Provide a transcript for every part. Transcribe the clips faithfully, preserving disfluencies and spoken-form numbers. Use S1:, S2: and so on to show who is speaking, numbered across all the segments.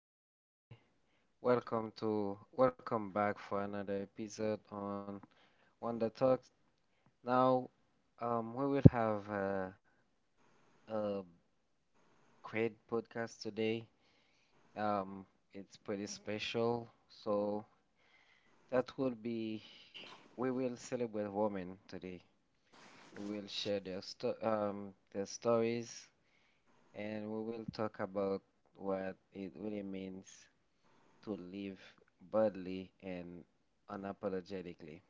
S1: Hey everybody, welcome to welcome back for another episode on Wonder Talks. Now, um, we will have a, a great podcast today. Um, it's pretty special, so that will be we will celebrate women today. We will share their sto- um their stories, and we will talk about what it really means to live boldly and unapologetically.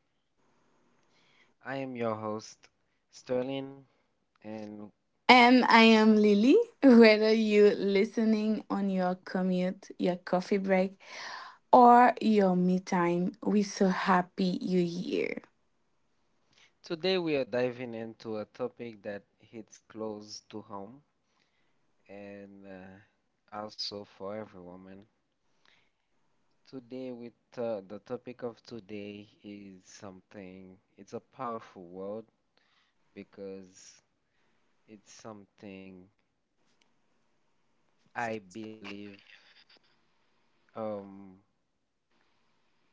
S1: I am your host, Sterling, and
S2: And I am Lily. Whether you are listening on your commute, your coffee break, or your me time, we're so happy you're here.
S1: today we are diving into a topic that hits close to home and uh, also for every woman. Today, with uh, The topic of today is something, it's a powerful word because it's something I believe, um,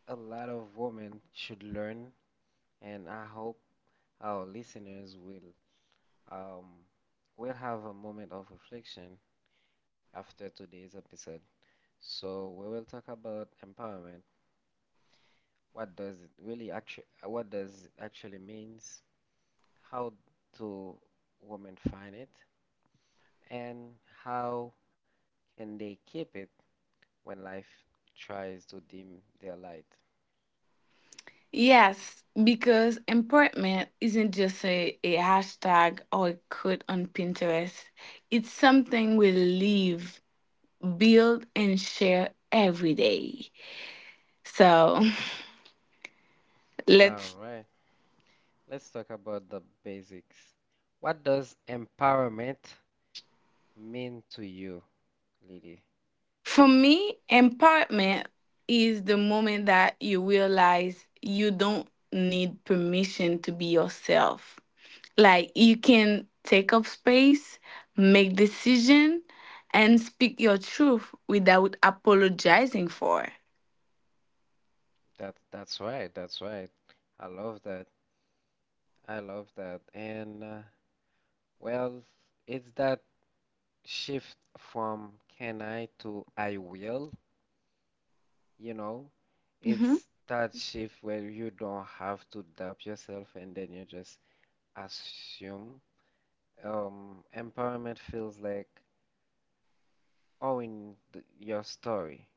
S1: a lot of women should learn, and I hope our listeners will, um, will have a moment of reflection after today's episode. So we will talk about empowerment. What does it really actually what does it actually means? How do women find it? And how can they keep it when life tries to dim their light?
S2: Yes, because empowerment isn't just a, a hashtag or a quote on Pinterest. It's something we live, build, and share every day. So
S1: All
S2: let's.
S1: right. Let's talk about the basics. What does empowerment mean to you, Lily?
S2: For me, empowerment is the moment that you realize you don't need permission to be yourself. Like you can take up space, make decision, and speak your truth without apologizing for.
S1: That that's right. That's right. I love that. I love that. And uh, well, it's that shift from can I to I will, you know?
S2: Hmm.
S1: It's that shift where you don't have to doubt yourself and then you just assume. Um, empowerment feels like owning the, your story,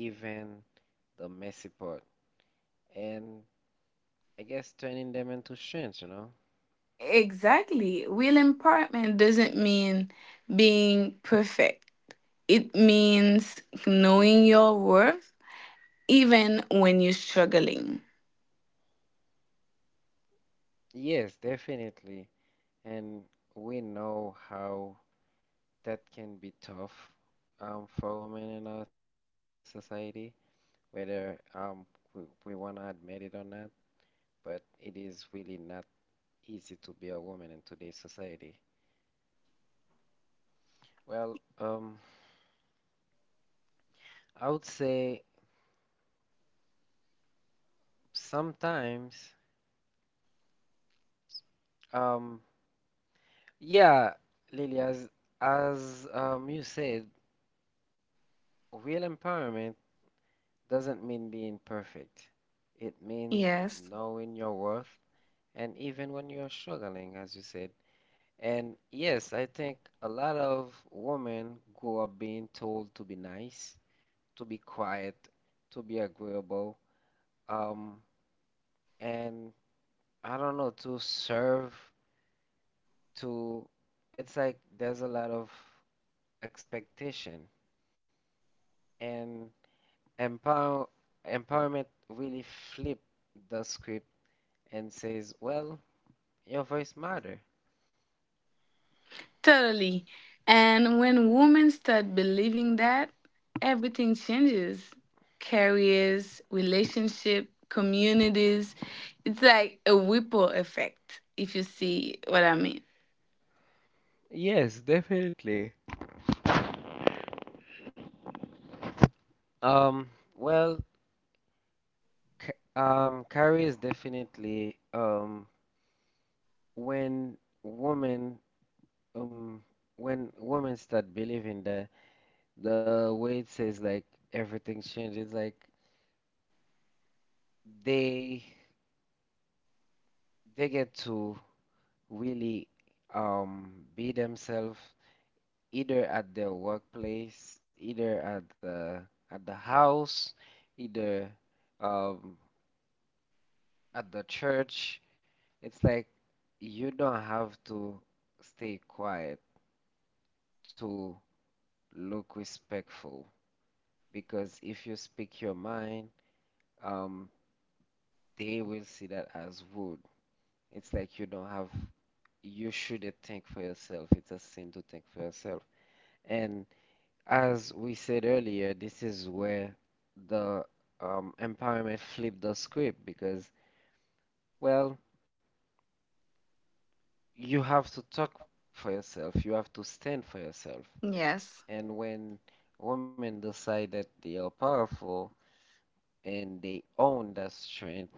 S1: even the messy part, and I guess turning them into strengths, you know?
S2: Exactly. Real empowerment doesn't mean being perfect. It means knowing your worth even when you're struggling.
S1: Yes, definitely. And we know how that can be tough, um, for women in our society, whether um we, we want to admit it or not, but it is really not easy to be a woman in today's society. Well, um, I would say sometimes, um, yeah, Lily, as as um you said, real empowerment doesn't mean being perfect. It means
S2: Yes.
S1: knowing your worth, and even when you're struggling, as you said. And yes, I think a lot of women grow up being told to be nice, to be quiet, to be agreeable, um, and I don't know, to serve, to, it's like there's a lot of expectation and empower empowerment really flip the script and says, well, your voice matter.
S2: Totally. And when women start believing that, everything changes: careers, relationship, communities. It's like a ripple effect, if you see what I mean.
S1: Yes, definitely. Um, well, K- um, Carrie is definitely, um when women, um when women start believing that. The way it says, like everything changes, like they they get to really um be themselves either at their workplace, either at the at the house, either um at the church. It's like you don't have to stay quiet to look respectful because if you speak your mind, um they will see that as rude. It's like you don't have You should think for yourself. It's a sin to think for yourself. And as we said earlier, this is where the, um, empowerment flipped the script because, well, you have to talk for yourself, you have to stand for yourself.
S2: Yes.
S1: And when women decide that they are powerful and they own that strength,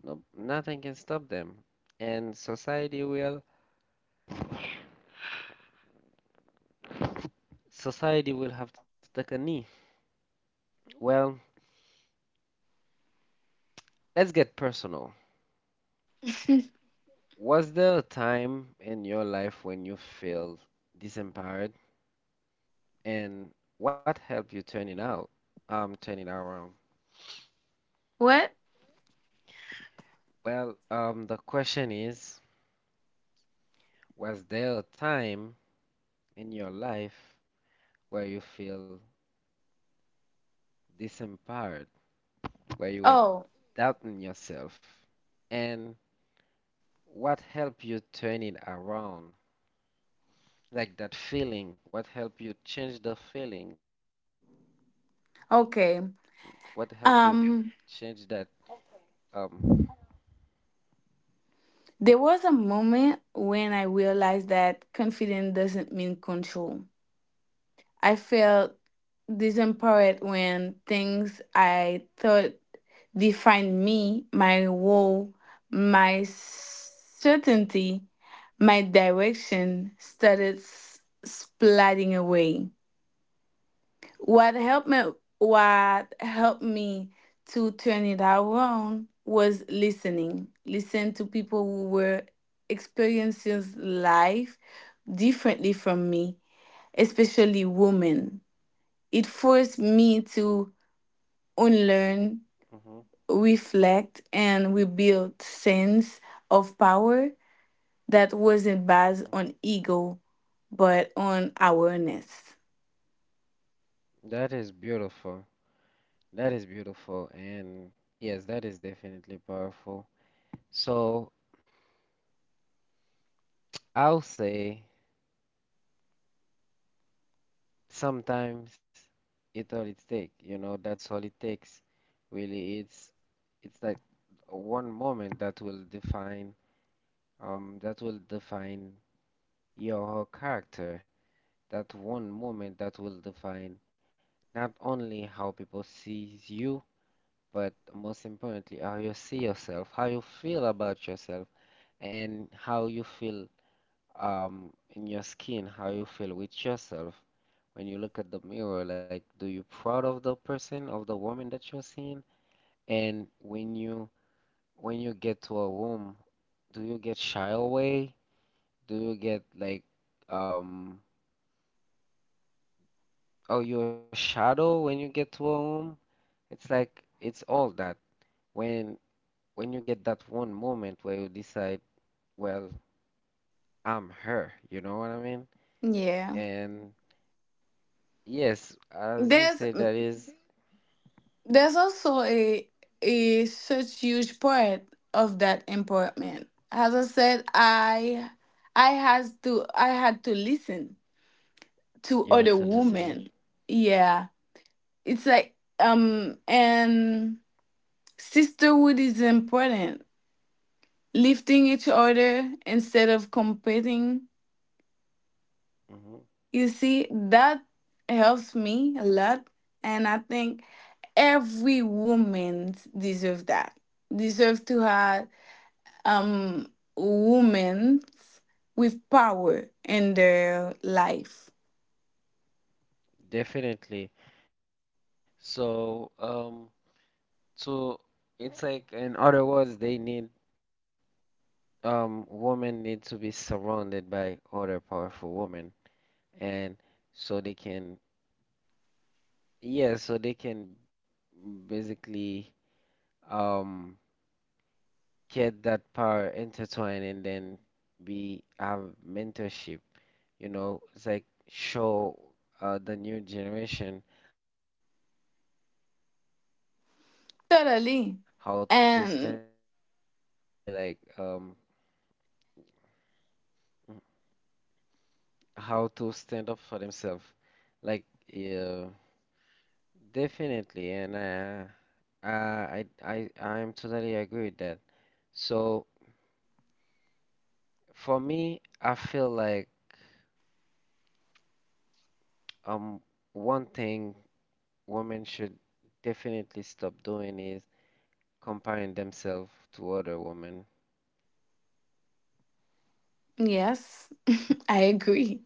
S1: no, nothing can stop them. And society will, society will have to take a knee. Well, let's get personal. Was there a time in your life when you felt disempowered, and what helped you turn it out, um, turn it around?
S2: What?
S1: Well, um, the question is, was there a time in your life where you feel disempowered, where you were
S2: Oh,
S1: doubting yourself, and what helped you turn it around? Like that feeling, what helped you change the feeling? What helped you change that,
S2: okay.
S1: um,
S2: Um, there was a moment when I realized that confidence doesn't mean control. I felt disempowered when things I thought defined me, my role, my certainty, my direction started s- splitting away. What helped me what helped me to turn it around was listening. Listen to people who were experiencing life differently from me, especially women. It forced me
S1: mhm,
S2: to unlearn, reflect, and rebuild sense of power that wasn't
S1: mhm.
S2: based on ego but on awareness.
S1: That is beautiful. That is beautiful. And yes, that is definitely powerful. So I'll say sometimes, it all it takes, you know, that's all it takes. Really, it's it's that one moment that will define, um that will define your character. That one moment that will define not only how people sees you, but most importantly, how you see yourself, how you feel about yourself and how you feel, um in your skin, how you feel with yourself when you look at the mirror. Like, do you proud of the person, of the woman that you're seeing? And when you when you get to a room, do you get shy away? Do you get like, um oh you're a shadow when you get to a room? It's like it's all that. When when you get that one moment where you decide, well, I'm her, you know what I mean?
S2: Yeah.
S1: And yes, as
S2: There's
S1: you say, that is,
S2: there's also a a such huge part of that empowerment. As I said, I I had to I had to listen to other
S1: you're
S2: women.
S1: totally listening.
S2: Yeah. It's like um and Sisterhood is important. Lifting each other instead of competing. You
S1: Hmm.
S2: see, that helps me a lot. And I think every woman deserves that. Deserve to have um women with power in their life.
S1: Definitely. So, um, to it's like in other words, they need, um women need to be surrounded by other powerful women, and so they can yeah, so they can basically, um get that power intertwined and then be have mentorship, you know, it's like show uh, the new generation how to stand up for themselves. Like
S2: Totally.
S1: somebody like, um
S2: And
S1: mhm, how to stand up for themselves. Like yeah, definitely, and uh, I I I I am totally agree with that. So for me, I feel like, um one thing women should definitely stop doing is comparing themselves to other women.
S2: yes, I agree.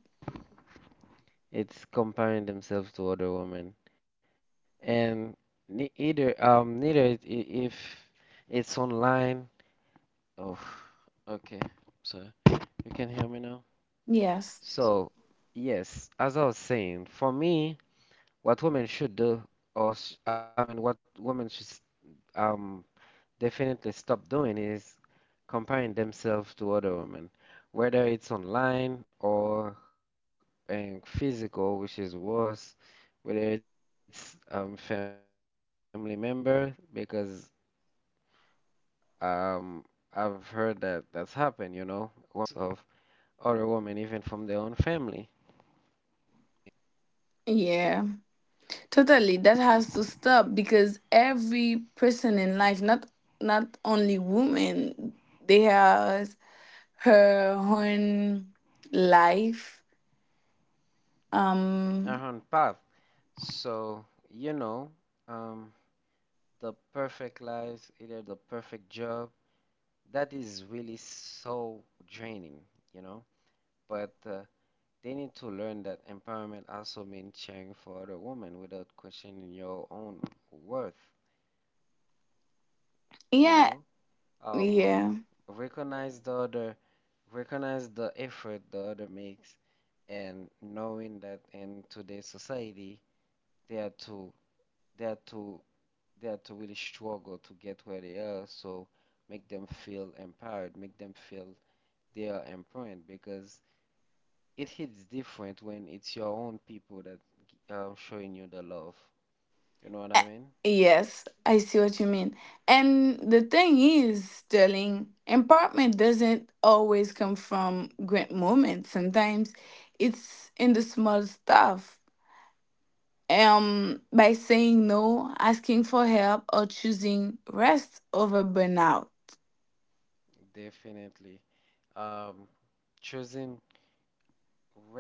S1: It's comparing themselves to other women and ne- either um neither it, I- if it's online. Oh, okay, so you can hear me now.
S2: Yes.
S1: So yes, as I was saying, for me, what women should do, or s- I mean what women should s- um definitely stop doing is comparing themselves to other women, whether it's online or, um, physical, which is worse, whether it's, um, family member, because, um, I've heard that that's happened, you know, women being jealous of other women, even from their own family,
S2: Yeah. Totally, that has to stop because every person in life, not not only women, they has her own life.
S1: their own
S2: Um,
S1: path. So, you know, um, the perfect lives, either the perfect job, that is really so draining, you know. But uh, they need to learn that empowerment also means caring for other women without questioning your own worth, you
S2: yeah,
S1: know? Um,
S2: yeah,
S1: Recognize the other, recognize the effort the other makes, and knowing that in today's society, they are to, they are to, they are to really struggle to get where they are, so make them feel empowered, make them feel they are important because it hits different when it's your own people that, um, showing you the love. You know
S2: Eh,
S1: what I mean?
S2: yes, I see what you mean. And the thing is, Sterling, empowerment doesn't always come from great moments. Sometimes it's in the small stuff, um by saying no, asking for help, or choosing rest over burnout.
S1: Definitely. Um, Choosing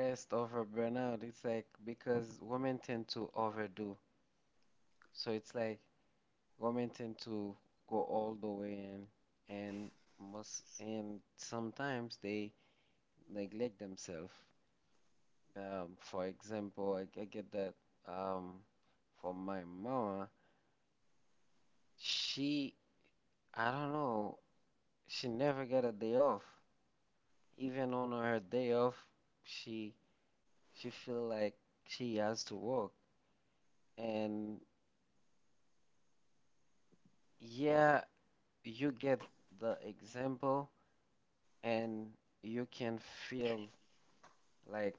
S1: rest over burnout, it's like because women tend to overdo. So it's like women tend to go all the way in and must and sometimes they neglect themselves. Um, for example, I, I get that, um, from my mama. She, I don't know, she never got a day off. Even on her day off, she she feel like she has to work. And yeah, you get the example and you can feel like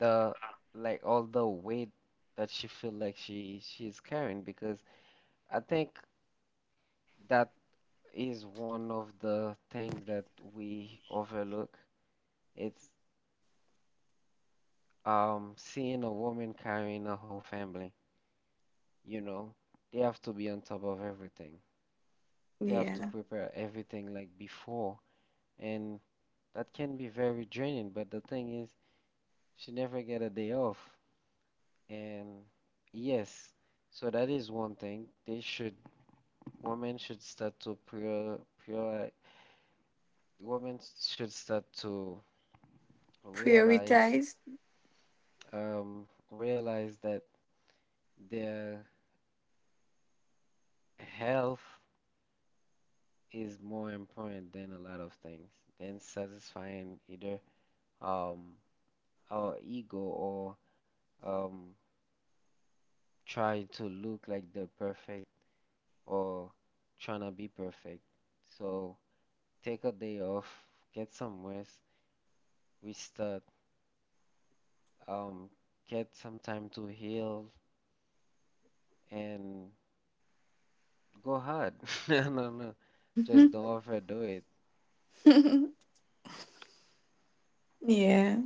S1: the like all the weight that she feel like she she's carrying because I think that is one of the things that we overlook. It's, um seeing a woman carrying a whole family, you know. They have to be on top of everything. They have to
S2: Yeah.
S1: prepare everything like before and that can be very draining. But the thing is, she never get a day off. And yes, so that is one thing. They should, women should start to prior, prior, women should start to realize,
S2: Prioritize.
S1: um, realize that their health is more important than a lot of things, than satisfying either, um our ego or, um try to look like the perfect or trying to be perfect. So take a day off, get some rest, restart, um, get some time to heal, and go hard. No, no, no. Just don't overdo it.
S2: Yeah.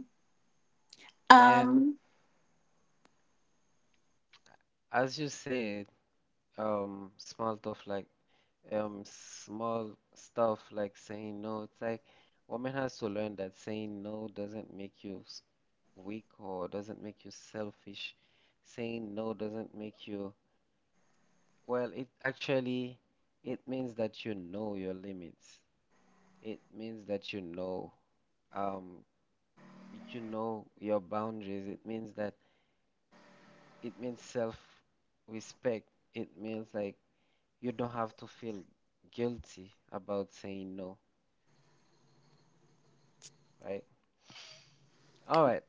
S1: And
S2: Um
S1: as you said, um, small stuff like um, small stuff like saying no. It's like woman has to learn that saying no doesn't make you s- weak or doesn't make you selfish. Saying no doesn't make you Well, it actually it means that you know your limits. It means that you know, um you know your boundaries. It means that it means self-respect. It means like you don't have to feel guilty about saying no, right? All right.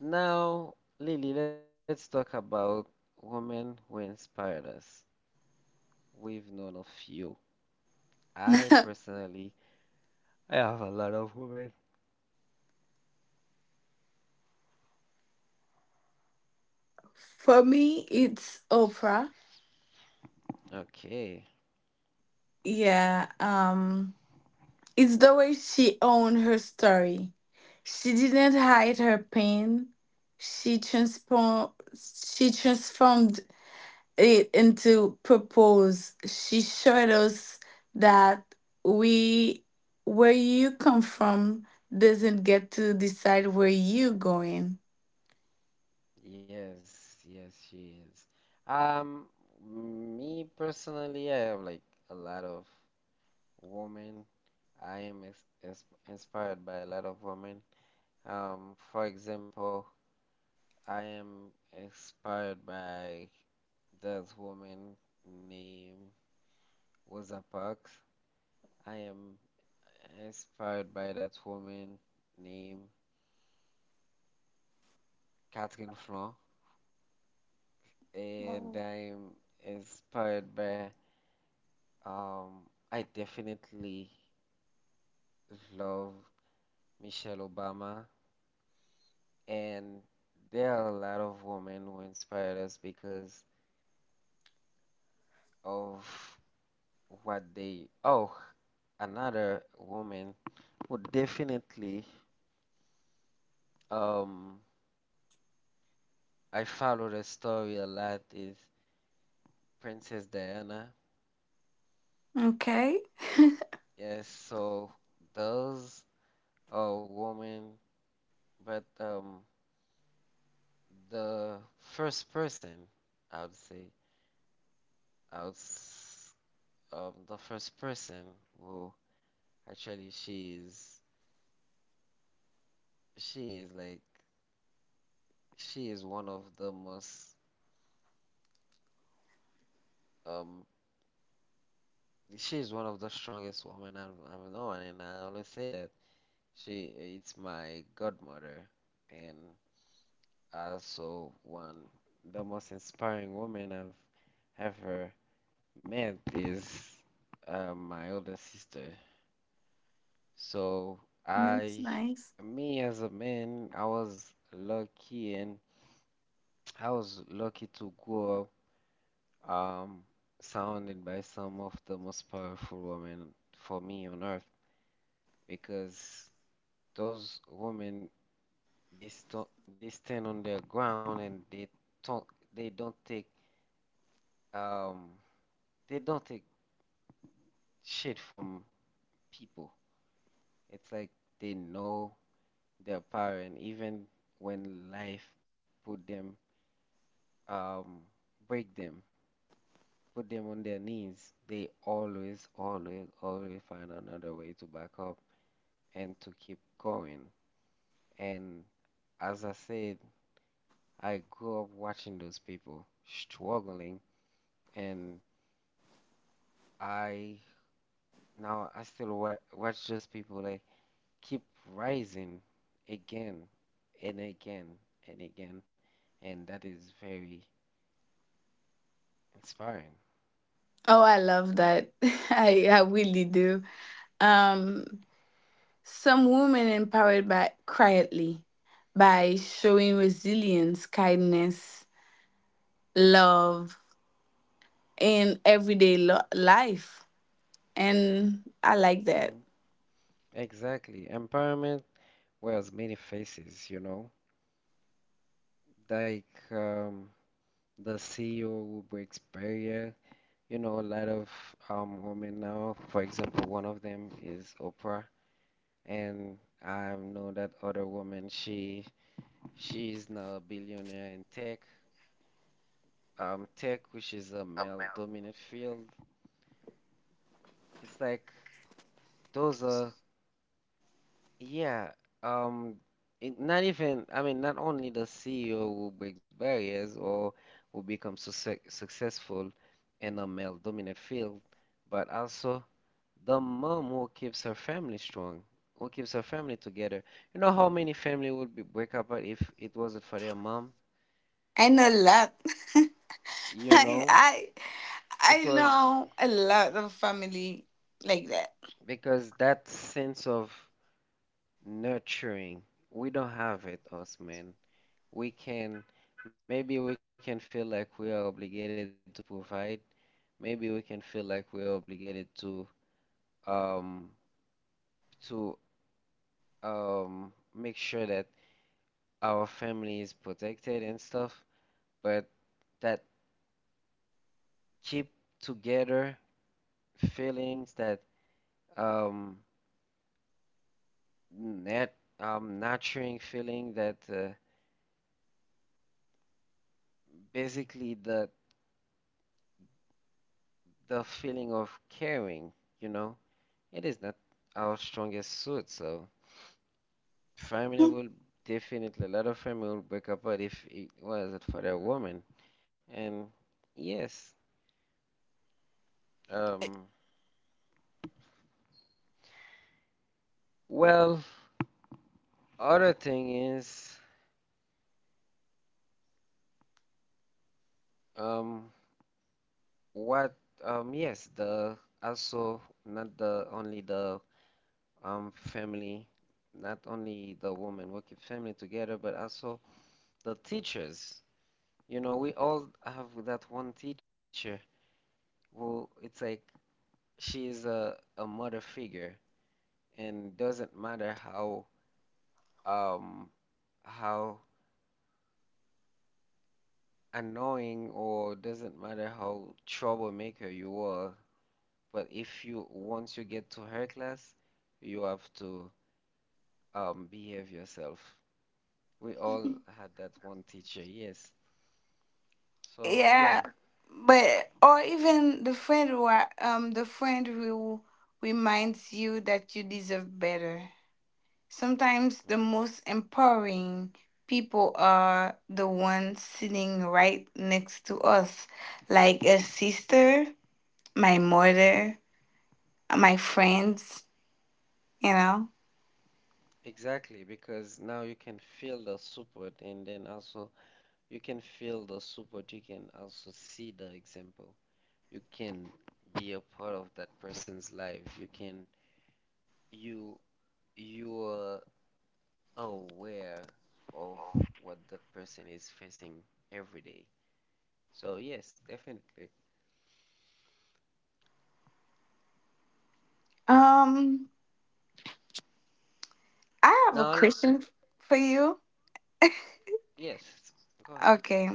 S1: Now, Lily, let's talk about women who inspired us. We've known a few. I personally, I have a lot of women.
S2: for me it's Oprah.
S1: Okay.
S2: Yeah. Um it's the way she owned her story. She didn't hide her pain. She transformed she transformed it, and to propose, she showed us that we, where you come from, doesn't get to decide where you going.
S1: Yes, yes, she is. Um, Me personally, I have like a lot of women. I am ins ins inspired by a lot of women. Um, for example, I am inspired by this woman named Rosa Parks. I am inspired by that woman named Catherine Flon, and
S2: Mm.
S1: I am inspired by, Um, I definitely love Michelle Obama, and there are a lot of women who inspired us because of what they. Oh, another woman who definitely, um I followed her story a lot is Princess Diana.
S2: Okay,
S1: Yes, so those are women, but um the first person I would say, I would s- um the first person who actually she is she is like she is one of the most, um she is one of the strongest women I've I've known and I always say that she it's my godmother and also one the most inspiring woman I've ever met is uh, my older sister. So
S2: that's
S1: I
S2: nice.
S1: Me as a man, I was lucky, and I was lucky to grow up um, surrounded by some of the most powerful women for me on earth, because those women they st they stand on their ground and they don't they don't take um they don't take shit from people. It's like they know their power, and even when life put them, um break them, put them on their knees, they always, always, always find another way to back up and to keep going. And as I said, I grew up watching those people struggling, and I now I still wa- watch those people like keep rising again and again and again, and that is very inspiring.
S2: Oh, I love that. I I really do. Um, some women empowered by quietly, by showing resilience, kindness, love in everyday lo- life, and I like
S1: Hmm.
S2: that.
S1: Exactly. Empowerment wears many faces, you know. Like, um, the C E O who breaks barrier. You know, a lot of um, women now, for example, one of them is Oprah, and I know that other woman, she she is now a billionaire in tech. Um, tech, which is a male-dominant field. It's like those are, yeah, um, it, not even, I mean, not only the C E O who breaks barriers or who becomes success successful in a male-dominant field, but also the mom who keeps her family strong, who keeps her family together. You know how many family would be break up if it wasn't for their mom?
S2: I know a lot.
S1: You
S2: I
S1: know,
S2: I
S1: it
S2: I
S1: was
S2: know a lot of family like that.
S1: because that sense of nurturing, we don't have it, us men. We can, maybe we can feel like we are obligated to provide. Maybe we can feel like we are obligated to um to um make sure that our family is protected and stuff. But that keep together feelings that um nat um nurturing feeling that uh, basically the the feeling of caring, you know, it is not our strongest suit. So family will definitely a lot of family will break apart if it wasn't for the woman. And yes, um, well, other thing is um what um yes the also not the only the um, family, not only the woman we keep family together, but also the teachers. You know, we all have that one teacher who it's like she is a, a mother figure, and doesn't matter how um how annoying, or doesn't matter how troublemaker you are, but if you once you get to her class, you have to um behave yourself. We all had that one teacher, yes. So yeah.
S2: Yeah, but or even the friend who are, um the friend who reminds you that you deserve better. Sometimes the
S1: Mhm.
S2: most empowering people are the ones sitting right next to us, like a sister, my mother, my friends. You know.
S1: Exactly, because now you can feel the support, and then also you can feel the support, you can also see the example. You can be a part of that person's life. You can you you are aware of what that person is facing every day. So yes, definitely.
S2: Um. I have a
S1: Now, le-
S2: question f- for you.
S1: yes, go ahead.
S2: Okay.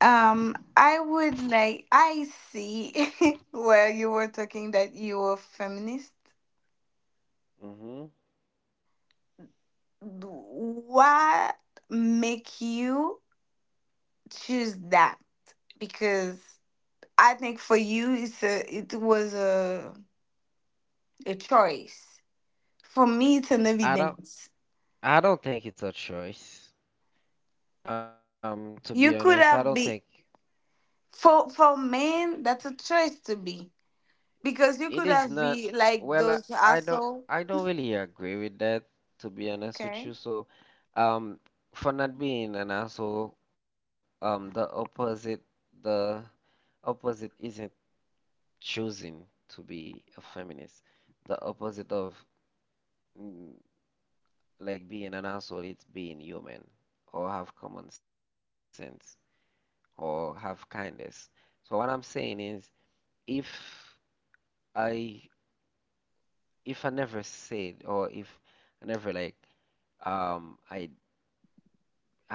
S2: Um, I would like, I see where you were talking that you were feminist.
S1: Hmm.
S2: What make you choose that? Because I think for you, it's a, it was a, a choice. For me, it's an
S1: I don't
S2: evidence.
S1: I don't think it's a choice. Um, to be honest, I
S2: You
S1: don't
S2: could
S1: think.
S2: have be for, for men, that's a choice to be. Because you
S1: It
S2: could
S1: is
S2: have
S1: not,
S2: be like
S1: well, I,
S2: those
S1: I don't
S2: asshole.
S1: I don't really agree with that, to be honest with
S2: Okay.
S1: you. So, um, for not being an asshole, um, the opposite the opposite isn't choosing to be a feminist. The opposite of mm, like being an asshole, it's being human, or have common sense, or have kindness. So what I'm saying is, if I if I never said, or if I never like um, I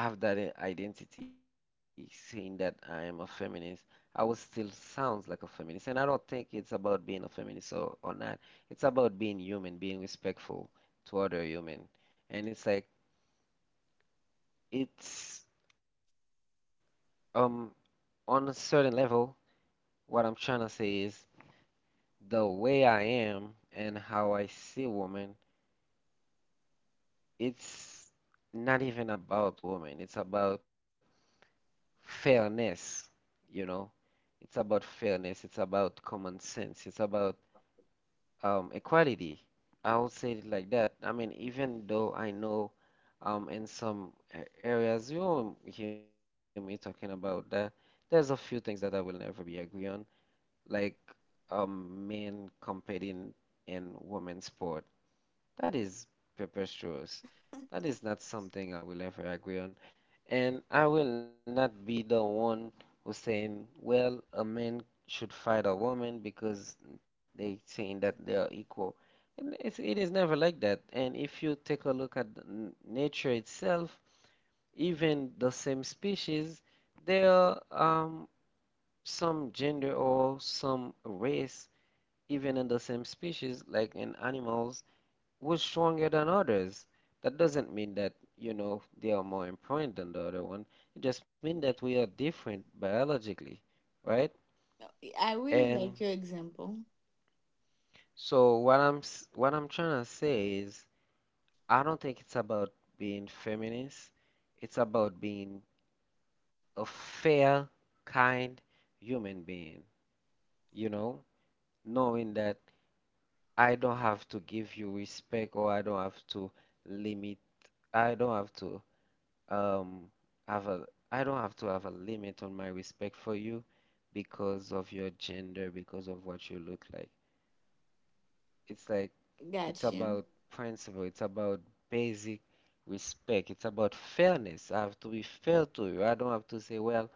S1: have that i- identity saying that I am a feminist, I will still sounds like a feminist. And I don't think it's about being a feminist or, or not. It's about being human, being respectful to other human. And it's like it's um on a certain level, what I'm trying to say is the way I am and how I see women, it's not even about women. It's about fairness, you know. It's about fairness. It's about common sense. It's about um, equality. I would say it like that. I mean, even though I know um, in some a- areas you won't hear me talking about that, there's a few things that I will never be agree on, like um, men competing in women's sport. That is preposterous. That is not something I will ever agree on. And I will not be the one who's saying, well, a man should fight a woman because they saying that they are equal. And it's, it is never like that. And if you take a look at the n- nature itself, even the same species, there are um, some gender or some race, even in the same species, like in animals, was stronger than others. That doesn't mean that, you know, they are more important than the other one. It just means that we are different biologically, right?
S2: I really
S1: And
S2: like your example.
S1: so what I'm s- what I'm trying to say is I don't think it's about being feminist. It's about being a fair, kind human being, you know, knowing that I don't have to give you respect, or I don't have to limit, I don't have to um have a I don't have to have a limit on my respect for you because of your gender, because of what you look like. It's like it's
S2: Gotcha.
S1: about principle, it's about basic respect, it's about fairness. I have to be fair to you. I don't have to say, well,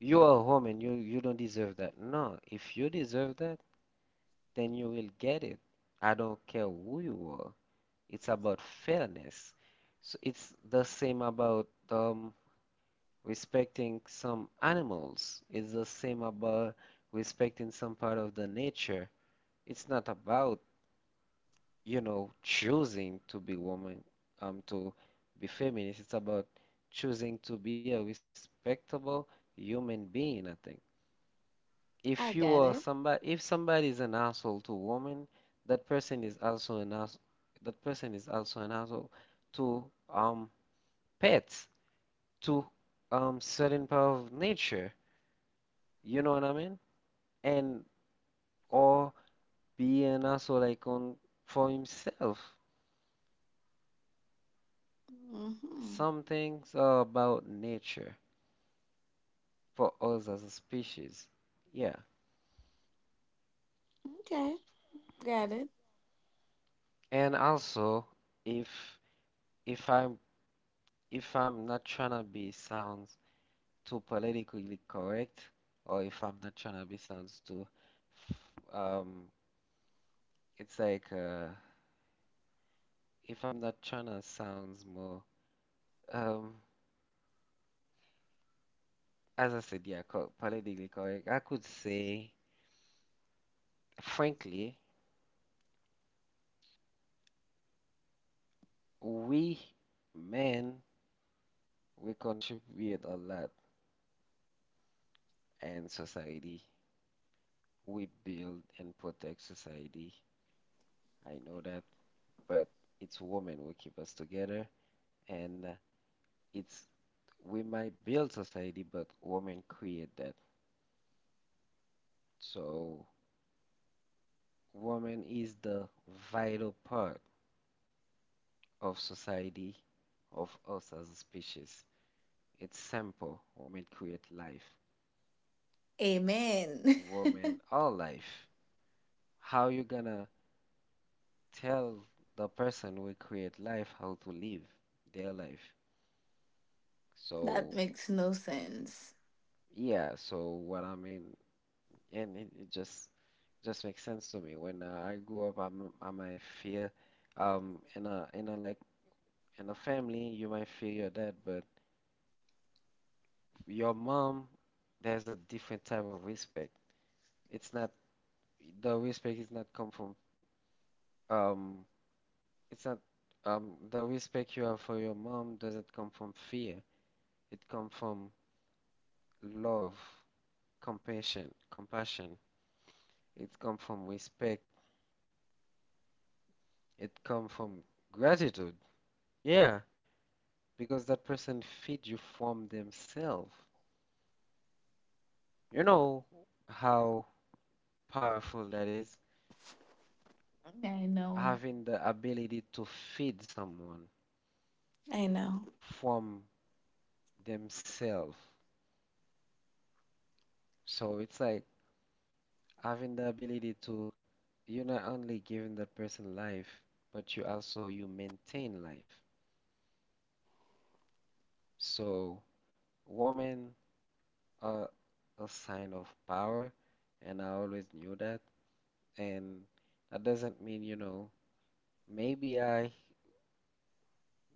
S1: you are a woman, you you don't deserve that. No, if you deserve that, then you will get it. I don't care who you are. It's about fairness. So it's the same about um. Respecting some animals is the same about respecting some part of the nature. It's not about, you know, choosing to be woman, um, to be feminist. It's about choosing to be a respectable human being, I think. If
S2: I
S1: you
S2: got
S1: are
S2: it.
S1: somebody, if somebody is an asshole to woman, that person is also an ass, that person is also an asshole to um pets, to um certain part of nature. You know what I mean? And or be an also like on for himself.
S2: Hmm.
S1: Some things are about nature for us as a species. Yeah.
S2: Okay. Got it.
S1: And also if if I'm if I'm not trying to be sounds too politically correct, or if I'm not trying to be sounds too um it's like uh if I'm not trying to sounds more um as I said, yeah, co politically correct, I could say frankly, we men, we contribute a lot in society. We build and protect society. I know that, but it's women who keep us together, and uh, it's we might build society, but women create that. So woman is the vital part of society, of us as a species. It's simple. Women create life.
S2: Amen.
S1: Women are life. How you gonna tell the person we create life how to live their life.
S2: That
S1: So
S2: makes no sense.
S1: yeah, so what I mean, and it, it just just makes sense to me. When uh, I grew up, I'm, I might feel um in a in a like in a family, you might feel your dad, but your mom, there's a different type of respect. It's not the respect is not come from um it's not um the respect you have for your mom doesn't come from fear. It comes from love. Compassion compassion, it come from respect, it come from gratitude, yeah, because that person feed you from themselves. You know how powerful that is,
S2: I know.
S1: having the ability to feed someone
S2: I know.
S1: from themselves. So it's like having the ability to you're not only giving that person life, but you also you maintain life. So woman, a, a sign of power, and I always knew that. And that doesn't mean, you know, maybe I,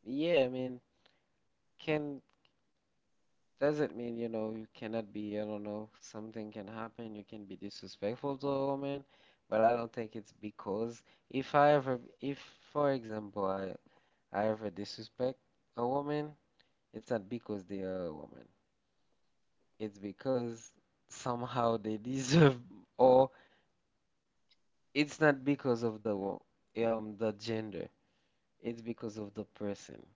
S1: yeah, I mean, can, doesn't mean, you know, you cannot be, I don't know, something can happen, you can be disrespectful to a woman, but I don't think it's because if I ever, if, for example, I, I ever disrespect a woman, it's not because they are a woman. It's because somehow they deserve or. It's not because of the wo- um the gender. It's because of the person.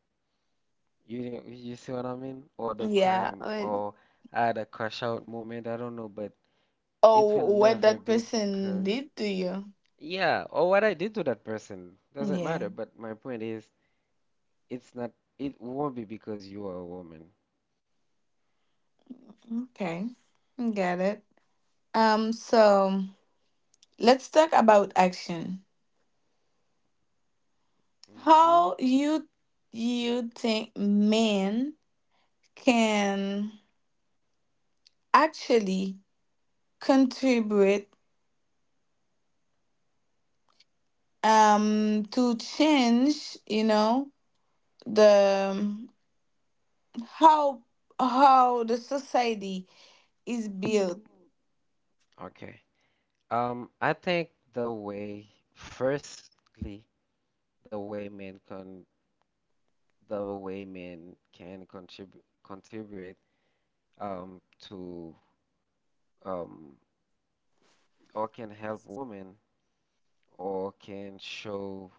S1: You know, you see what I mean? Or the
S2: Yeah.
S1: time,
S2: Or
S1: or I had a crash out moment. I don't know, but it will
S2: oh, what
S1: never
S2: that
S1: be
S2: person
S1: because
S2: did to you.
S1: yeah, or what I did to that person doesn't
S2: Yeah.
S1: matter. But my point is, it's not. It won't be because you are a woman.
S2: Okay. Got it. Um. So let's talk about action.
S1: Hmm.
S2: How you You think men can actually contribute um to change, you know, the um, how how the society is built.
S1: Okay. Um, I think the way, firstly, the way men can, the way men can contribute contribute um, to um, or can help women, or can show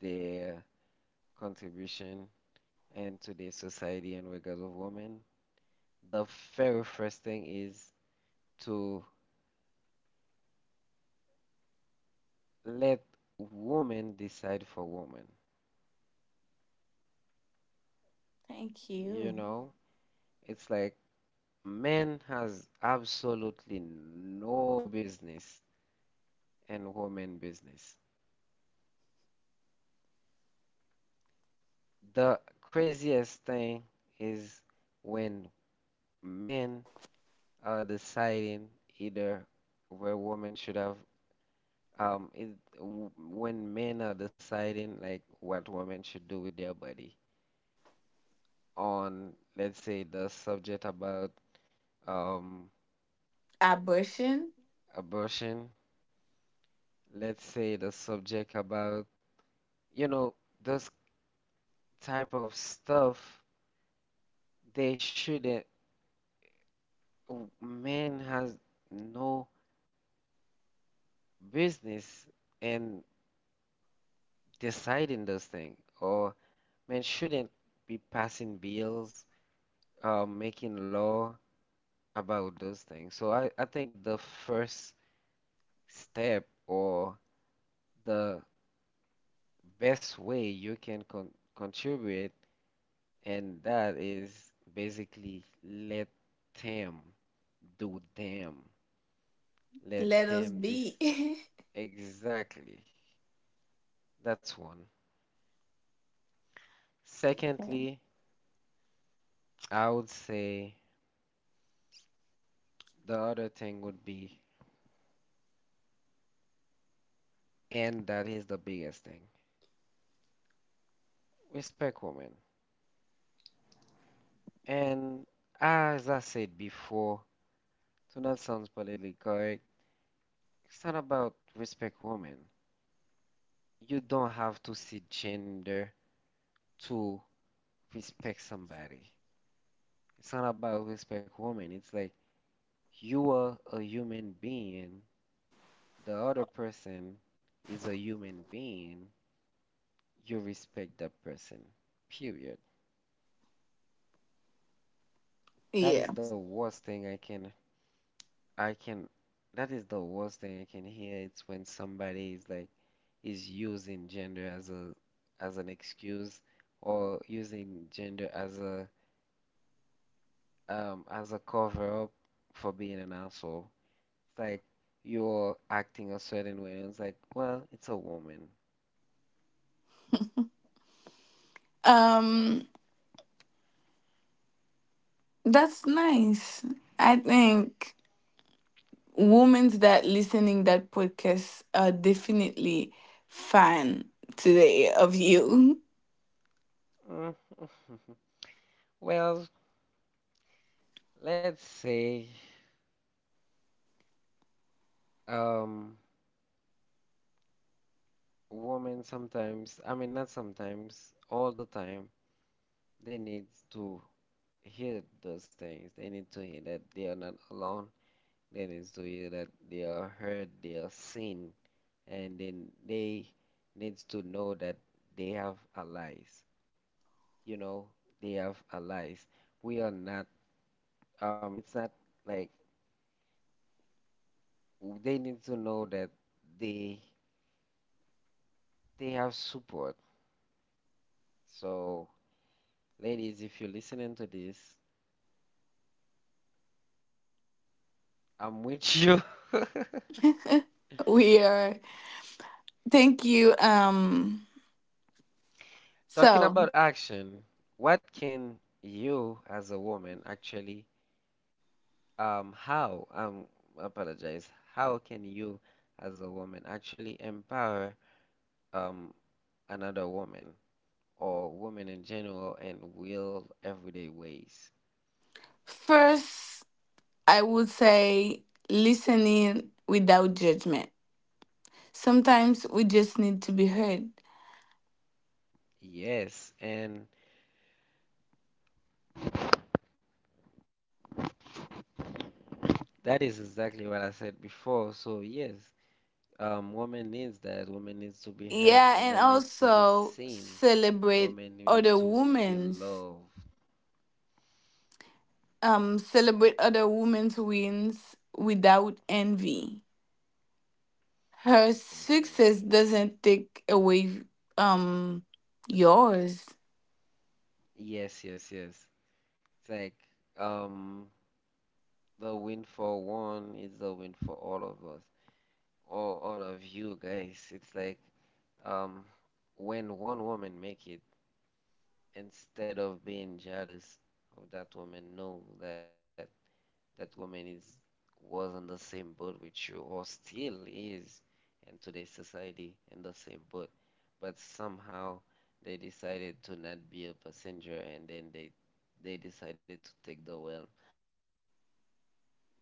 S1: their contribution and to the society in regards of women, the very first thing is to let women decide for women.
S2: Thank
S1: You
S2: you.
S1: know, it's like men has absolutely no business in women business. The craziest thing is when men uh, deciding either where women should have um it, w- when men are deciding like what women should do with their body on, let's say, the subject about um
S2: Abortion.
S1: abortion, let's say the subject about, you know, this type of stuff. They shouldn't w- men has no business in deciding those things, or men shouldn't be passing bills, uh, making law about those things. So I, I think the first step, or the best way you can con contribute, and that is basically let them do them. Let
S2: Let us
S1: them
S2: be.
S1: this exactly. That's one.
S2: Okay.
S1: Secondly, I would say the other thing would be, and that is the biggest thing, respect women. And as I said before, so that sounds politically correct. It's not about respect women. You don't have to see gender to respect somebody. It's not about respect women. It's like you are a human being. The other person is a human being. You respect that person. Period. That
S2: Yeah.
S1: is the worst thing I can I can, that is the worst thing I can hear. It's when somebody is like, is using gender as a, as an excuse, or using gender as a, um, as a cover up for being an asshole. It's like you're acting a certain way, and it's like, well, it's a woman.
S2: um that's nice. I think women that listening that podcast are definitely fan today of you.
S1: Mm, well, let's say, um, women sometimes, I mean, not sometimes, all the time, they need to hear those things. They need to hear that they are not alone. They need to hear that they are heard, they are seen, and then they needs to know that they have allies. You know, they have allies. We are not. Um, it's not like they need to know that they they have support. So, ladies, if you're listening to this, I'm with you.
S2: We are. Thank you. um so
S1: Talking about action, what can you as a woman actually Um, how, um, apologize, how can you, as a woman, actually empower um another woman or women in general in real everyday ways?
S2: First, I would say listening without judgment. Sometimes we just need to be heard.
S1: Yes, and that is exactly what I said before. So yes, um, women needs that. Women needs to be heard.
S2: Yeah, and
S1: Women needs to be
S2: also
S1: seen.
S2: celebrate
S1: Women need
S2: other
S1: to feel
S2: women's,
S1: love,
S2: um celebrate other women's wins without envy. Her
S1: definitely.
S2: success doesn't take away um yours.
S1: Yes, yes, yes. It's like um. the win for one is a win for all of us, all all of you guys. It's like um, when one woman make it, instead of being jealous of that woman, know that that woman is was on the same boat with you, or still is in today's society in the same boat. But somehow they decided to not be a passenger, and then they they decided to take the wheel. So I think um,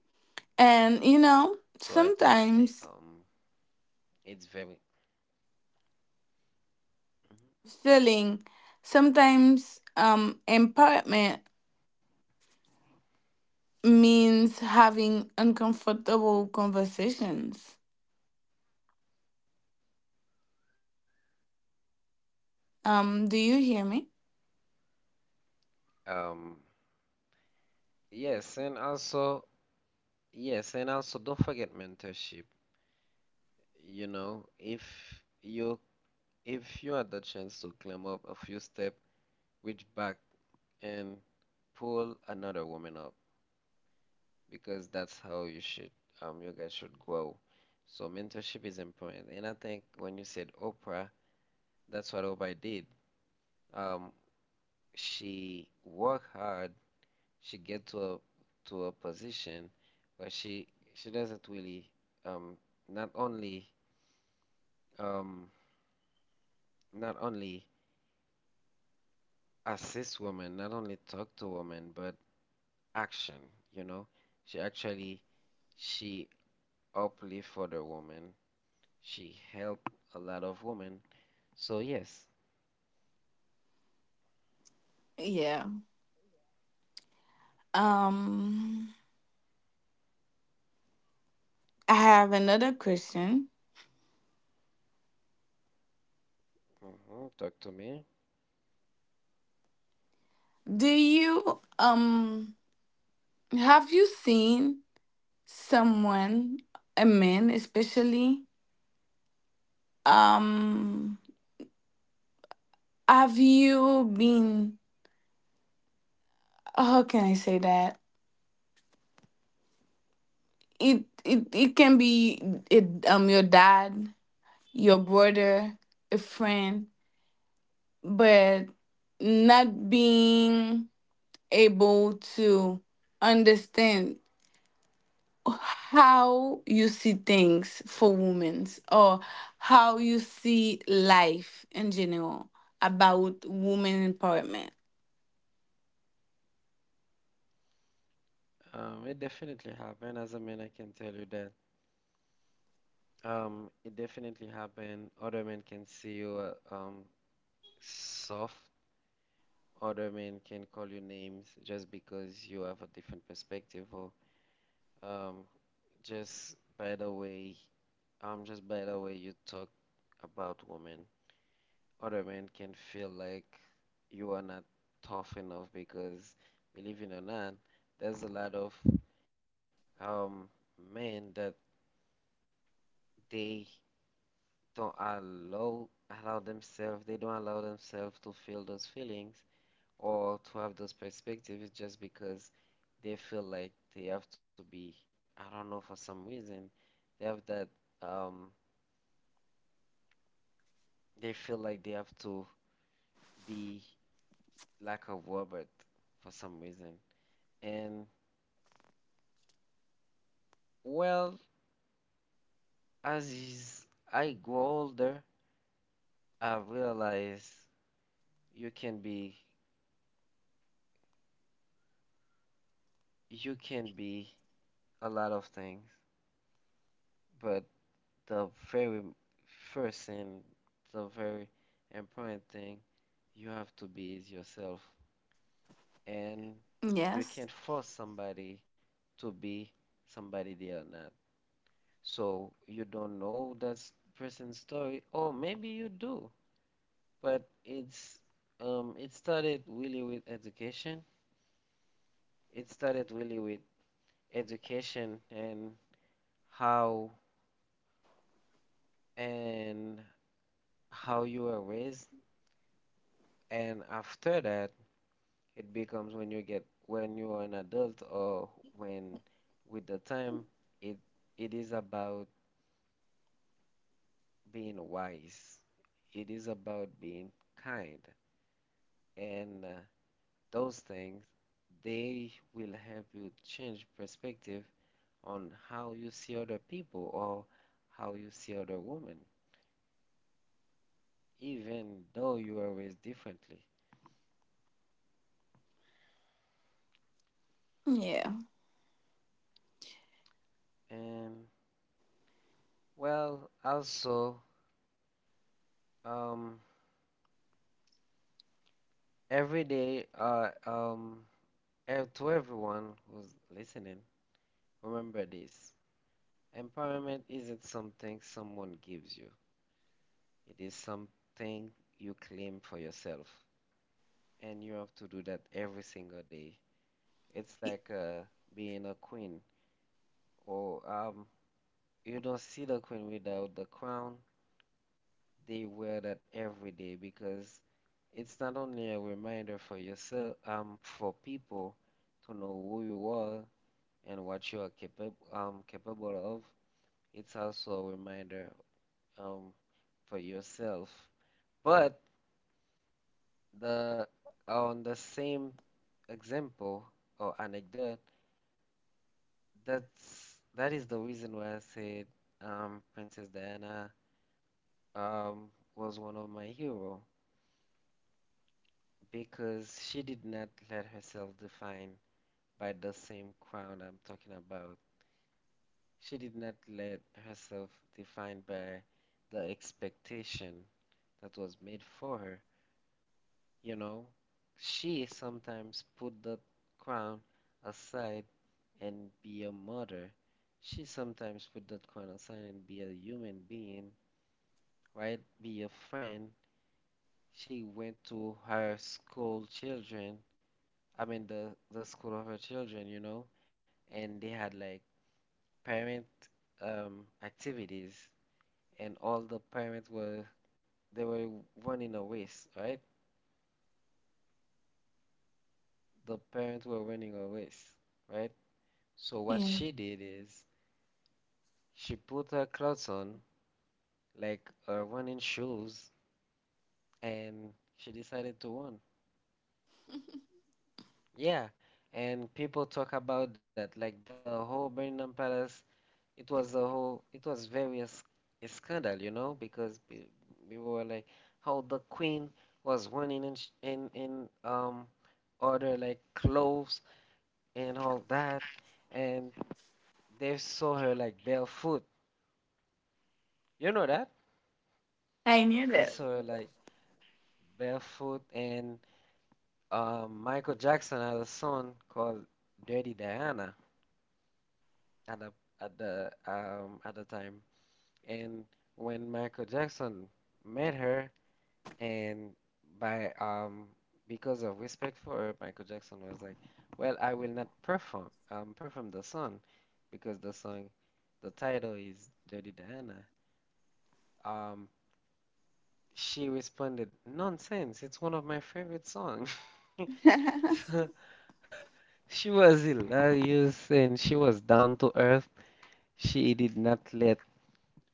S2: And you
S1: it's
S2: know,
S1: very.
S2: sometimes
S1: Mhm.
S2: feeling sometimes um empowerment means having uncomfortable conversations.
S1: Okay.
S2: Um, do you hear
S1: Um,
S2: me?
S1: yes, and also, yes, and also don't forget mentorship. You know, if you if you had the chance to climb up a few steps, reach back and pull another woman up because that's how you should um you guys should grow. So mentorship is important. And I think when you said Oprah, that's what Oprah did. Um, she worked hard, she get to a to a position where she she doesn't really um not only um not only assist women, not only talk to women, but action, you know. She actually she uplift for the woman. She help a lot of women. So yes,
S2: Yeah. Um, I have another question.
S1: hmm, talk to me.
S2: Do you um have you seen someone, a man especially? Um, have you been? How can I say that? It it it can be it um your dad, your brother, a friend, but not being able to understand how you see things for women or how you see life in general about women empowerment.
S1: Um, it definitely happened. As a man, I can tell you that. Um, it definitely happened. Other men can see you uh, um soft, other men can call you names just because you have a different perspective, or um just by the way um just by the way you talk about women, other men can feel like you are not tough enough because, believe it or not, there's a lot of um men that they don't allow allow themselves they don't allow themselves to feel those feelings, or to have this perspective is just because they feel like they have to be, I don't know, for some reason, they have that, um, they feel like they have to be like a robot for some reason. And well, as is, I grow older, I realize you can be, you can be a lot of things, but the very first and the very important thing, you have to be yourself, and you can't
S2: Yes.
S1: force somebody to be somebody they are not. So you don't know that s- person's story, or maybe you do, but it's um, it started really with education. It started really with education and how, and how you were raised, and after that, it becomes when you get, when you are an adult, or when with the time, it it is about being wise. It is about being kind. And uh, those things, they will help you change perspective on how you see other people, or how you see other women, even though you are raised differently.
S2: Yeah.
S1: And well, also, um, every day, uh, um, and to everyone who's listening, remember this. Empowerment isn't something someone gives you. It is something you claim for yourself. And you have to do that every single day. It's
S2: Y-
S1: like uh, being a queen. Or um, you don't see the queen without the crown. They wear that every day because it's not only a reminder for yourself, um, for people to know who you are and what you are capable um capable of. It's also a reminder, um, for yourself. But the on the same example or anecdote, that's that is the reason why I said, um, Princess Diana, um, was one of my hero, because she did not let herself define by the same crown I'm talking about. She did not let herself define by the expectation that was made for her. You know, she sometimes put the crown aside and be a mother. She sometimes put that crown aside and be a human being, right? Be a friend. She went to her school children, I mean the the school of her children, you know, and they had like parent um activities, and all the parents were, they were running a race, right? The parents were running a race, right? So what she
S2: Yeah.
S1: did is she put her clothes on, like her running shoes, and she decided to run. Yeah, and people talk about that, like the whole Buckingham Palace. It was a whole, it was very a, sc- a scandal, you know, because pe- people were like, how the Queen was running in sh- in in um other like clothes and all that, and they saw her like barefoot. You know that?
S2: I
S1: They
S2: knew
S1: saw
S2: that.
S1: her like barefoot, and Uh, Michael Jackson had a song called "Dirty Diana" at the at the um at the time, and when Michael Jackson met her, and by um because of respect for her, Michael Jackson was like, "Well, I will not perform um perform the song, because the song the title is Dirty Diana." Um, she responded, "Nonsense! It's one of my favorite songs." She was hilarious and she was down to earth. She did not let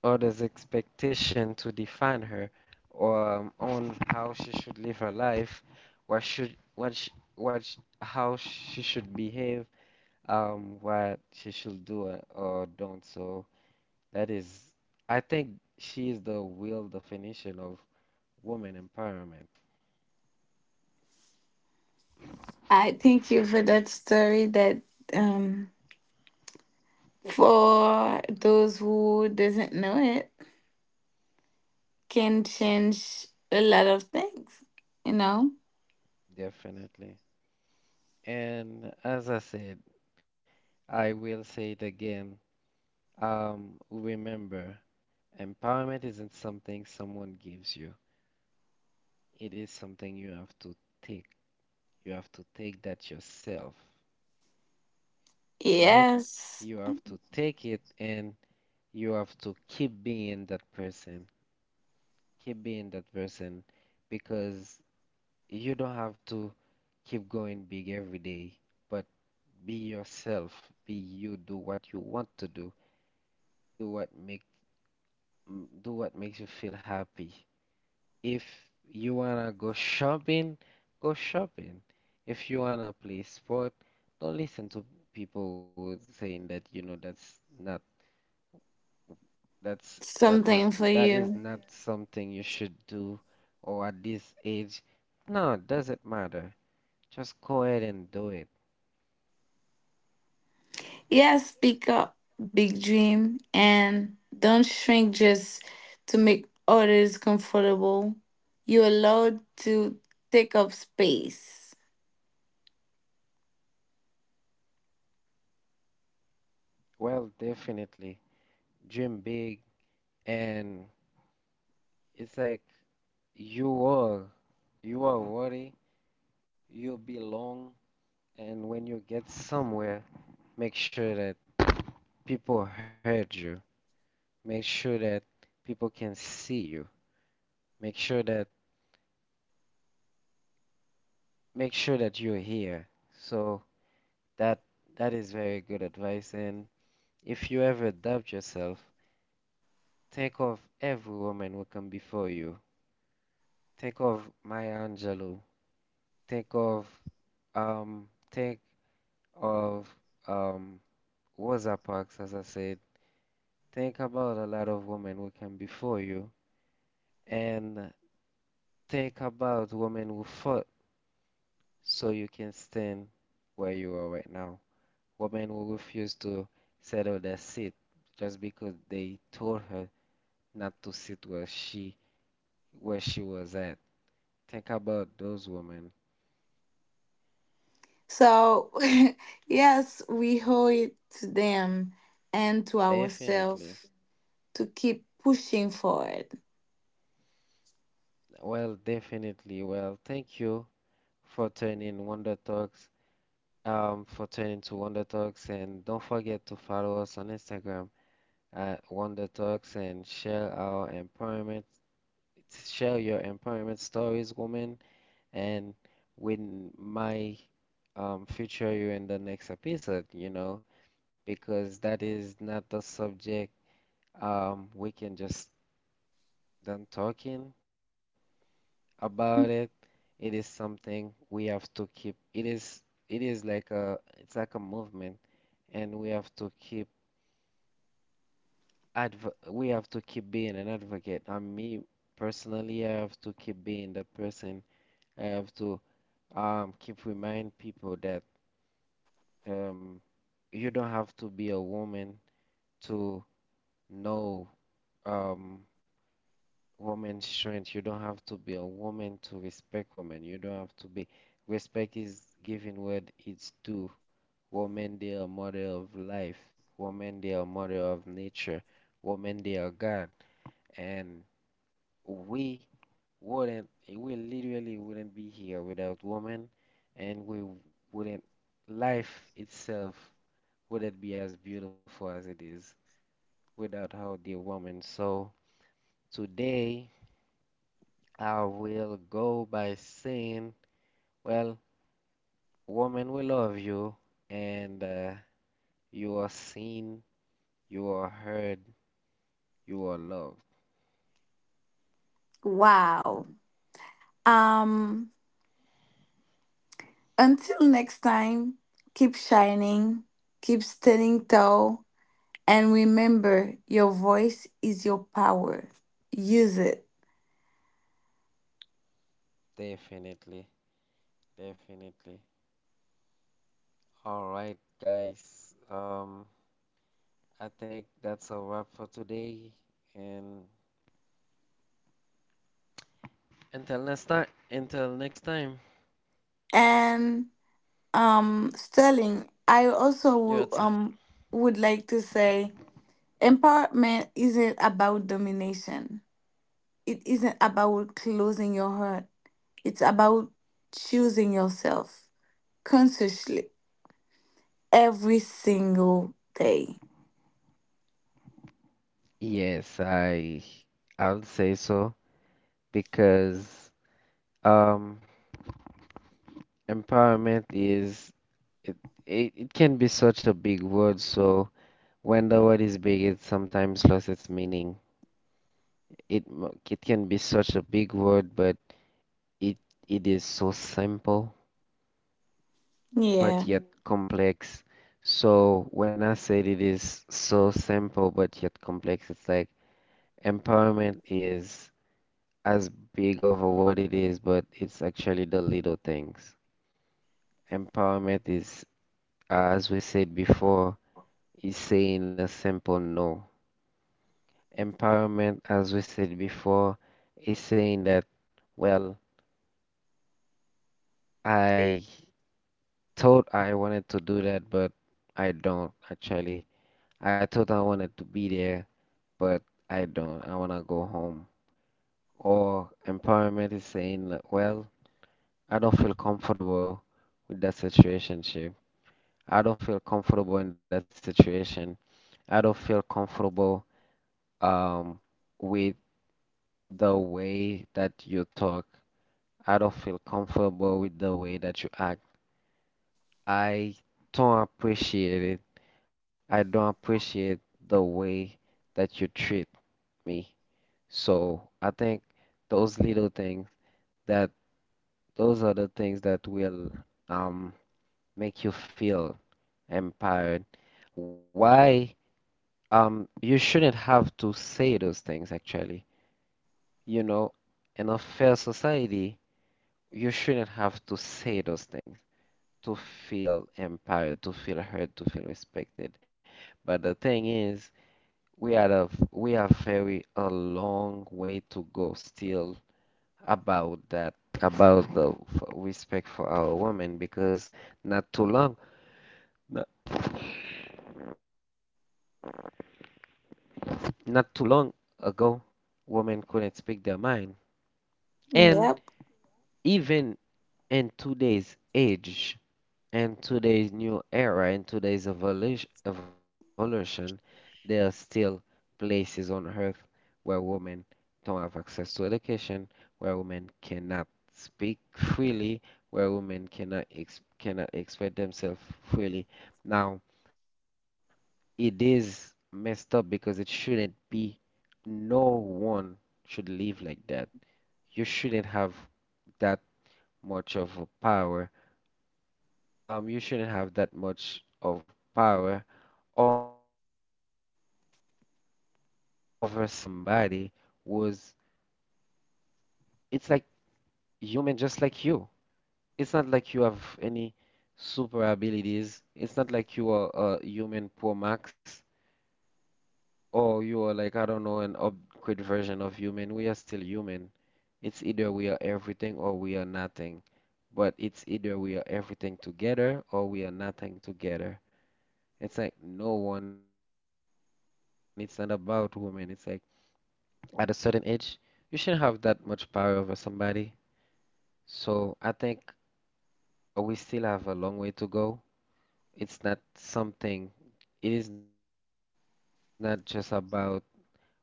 S1: others' expectation to define her, or um, on how she should live her life, what should what sh what sh how she should behave, um, what she should do or or don't. So that is, I think she is the real definition of woman empowerment,
S2: I thank you for that story that, um, for those who doesn't know it. Can change a lot of things, you know?
S1: definitely. And as I said, I will say it again. Um, remember, empowerment isn't something someone gives you. It is something you have to take. You have to take that yourself, right? You
S2: Yes,
S1: have to take it, and you have to keep being that person. Keep being that person, because you don't have to keep going big every day, but be yourself. Be you. Do what you want to do. Do what make m- do what makes you feel happy. If you wanna go shopping, go shopping. If you wanna play sport, don't listen to people who saying that, you know, that's not that's that one
S2: something for
S1: that is
S2: you.
S1: not something you should do, or at this age. No, it doesn't matter. Just go ahead and do it.
S2: Yes, speak up, big dream, and don't shrink just to make others comfortable. You're allowed to take up space.
S1: Well, definitely dream big, and it's like you are, you are worthy, you belong, and when you get somewhere, make sure that people heard you. Make sure that people can see you. Make sure that make sure that you're here. So that that is very good advice. And if you ever doubt yourself, think of every woman who come before you. Think of Maya Angelou. Think of um think of um Rosa Parks, as I said. Think about a lot of women who came before you, and think about women who fought so you can stand where you are right now. Women who refuse to settle their seat just because they told her not to sit where she where she was at. Think about those women.
S2: So, yes, we owe it to them and to
S1: Definitely.
S2: ourselves to keep pushing forward.
S1: Well, definitely. Well, thank you for turning Wonder Talks, um, for turning to Wonder Talks, and don't forget to follow us on Instagram at Wonder Talks, and share our empowerment, share your empowerment stories, woman. And we n- might, um, feature you in the next episode, you know, because that is not the subject. Um, we can just done talking about it. It is something we have to keep. It is it is like a it's like a movement, and we have to keep adv we have to keep being an advocate. And me personally, I have to keep being the person. I have to um keep remind people that um you don't have to be a woman to know um woman's strength. You don't have to be a woman to respect women. You don't have to be, respect is given what it's due. Women they are mother of life. Women they are mother of nature. Women they are God. And we wouldn't, we literally wouldn't be here without women, and we wouldn't, life itself wouldn't be as beautiful as it is, without our dear woman. So today I will go by saying, well, woman, we love you, and uh, you are seen, you are heard, you are loved.
S2: Wow. Um, until next time, keep shining, keep standing tall, and remember your voice is your power. Use it.
S1: Definitely, definitely. All right, guys. Um, I think that's a wrap for today, and until next time. Until next time.
S2: And um Sterling, I also
S1: You're
S2: wo-
S1: awesome.
S2: um would like to say empowerment isn't about domination. It isn't about closing your heart. It's about choosing yourself consciously every single day.
S1: Yes, I I'll say so because um. Empowerment is, it, it it can be such a big word, so when the word is big, it sometimes loses its meaning. It m- it can be such a big word, but it it is so simple,
S2: Yeah.
S1: but yet complex. So when I said it is so simple but yet complex, it's like empowerment is as big of a word it is, but it's actually the little things. Empowerment is, as we said before, is saying a simple no. Empowerment, as we said before, is saying that, well, I thought I wanted to do that, but I don't actually. I thought I wanted to be there, but I don't. I want to go home. Or empowerment is saying, like, well, I don't feel comfortable with that situationship. I don't feel comfortable in that situation. I don't feel comfortable um, with the way that you talk. I don't feel comfortable with the way that you act. I don't appreciate it. I don't appreciate the way that you treat me. So I think those little things, that those are the things that will um make you feel empowered. Why um you shouldn't have to say those things actually. You know, in a fair society, you shouldn't have to say those things, to feel empowered, to feel heard, to feel respected. But the thing is, we are a, we are very a long way to go still about that, about the f- respect for our women, because not too long, not, not too long ago, women couldn't speak their mind. And
S2: Yep.
S1: even in today's age, in today's new era, in today's evolution, evolution, there are still places on earth where women don't have access to education, where women cannot speak freely, where women cannot ex cannot express themselves freely. Now, it is messed up because it shouldn't be. No one should live like that. You shouldn't have that much of a power, um, you shouldn't have that much of power over somebody, was it's like human just like you. It's not like you have any super abilities. It's not like you are a human pro max, or you are like, I don't know, an upgrade version of human. We are still human. It's either we are everything or we are nothing. But it's either we are everything together or we are nothing together. It's like no one, it's not about women. It's like at a certain age, you shouldn't have that much power over somebody. So I think we still have a long way to go. It's not something, it is not just about, well, it's my right.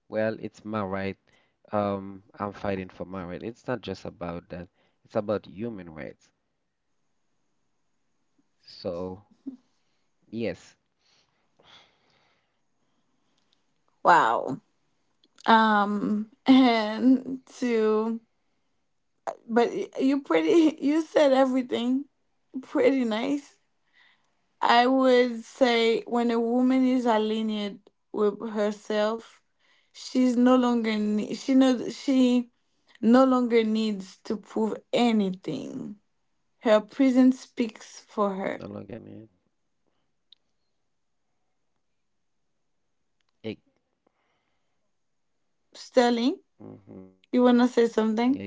S1: Um, I'm fighting for my right. It's not just about that. It's about human rights. So, yes,
S2: Wow. Um, and to but y- you pretty you said everything pretty nice. I would say when a woman is aligned with herself, she's no longer ne- she knows she no longer needs to prove
S1: no longer
S2: anything.
S1: need.
S2: Her presence speaks for her.
S1: Ex- mhm, exactly.
S2: Sterling,
S1: And I think that
S2: you
S1: is
S2: want to say
S1: exactly,
S2: something.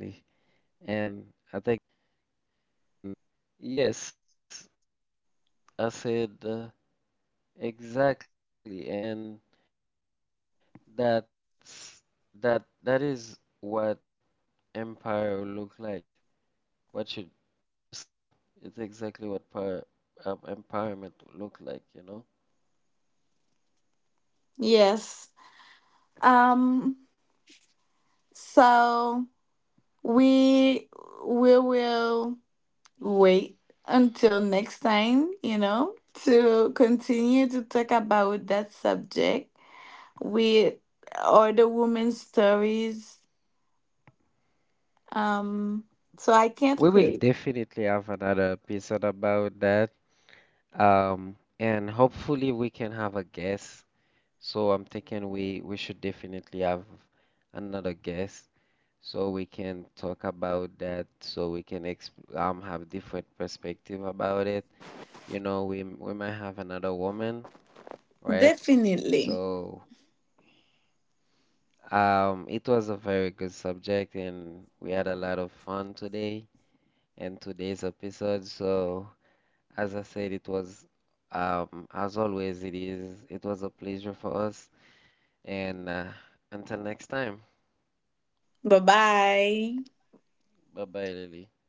S1: um, yes, I said uh, exactly. And that's that that is what empire will look like. What you, what you said. It's exactly what power, um, empowerment will look like, you know?
S2: Yes. um so we we will wait until next time, you know, to continue to talk about that subject with other women's stories. Um,
S1: We
S2: so
S1: will
S2: I can't
S1: definitely
S2: wait.
S1: have another episode about that. Um, and hopefully we can have a guest. So I'm thinking we we should definitely have another guest so we can talk about that, so we can exp um have different perspective about it. You know, we we might have another woman, right?
S2: Definitely.
S1: So, um, it was a very good subject, and we had a lot of fun today and today's episode. So, as I said, it was, um, as always, it is, it was a pleasure for us, and uh, until next time,
S2: Bye bye.
S1: bye bye, Lily.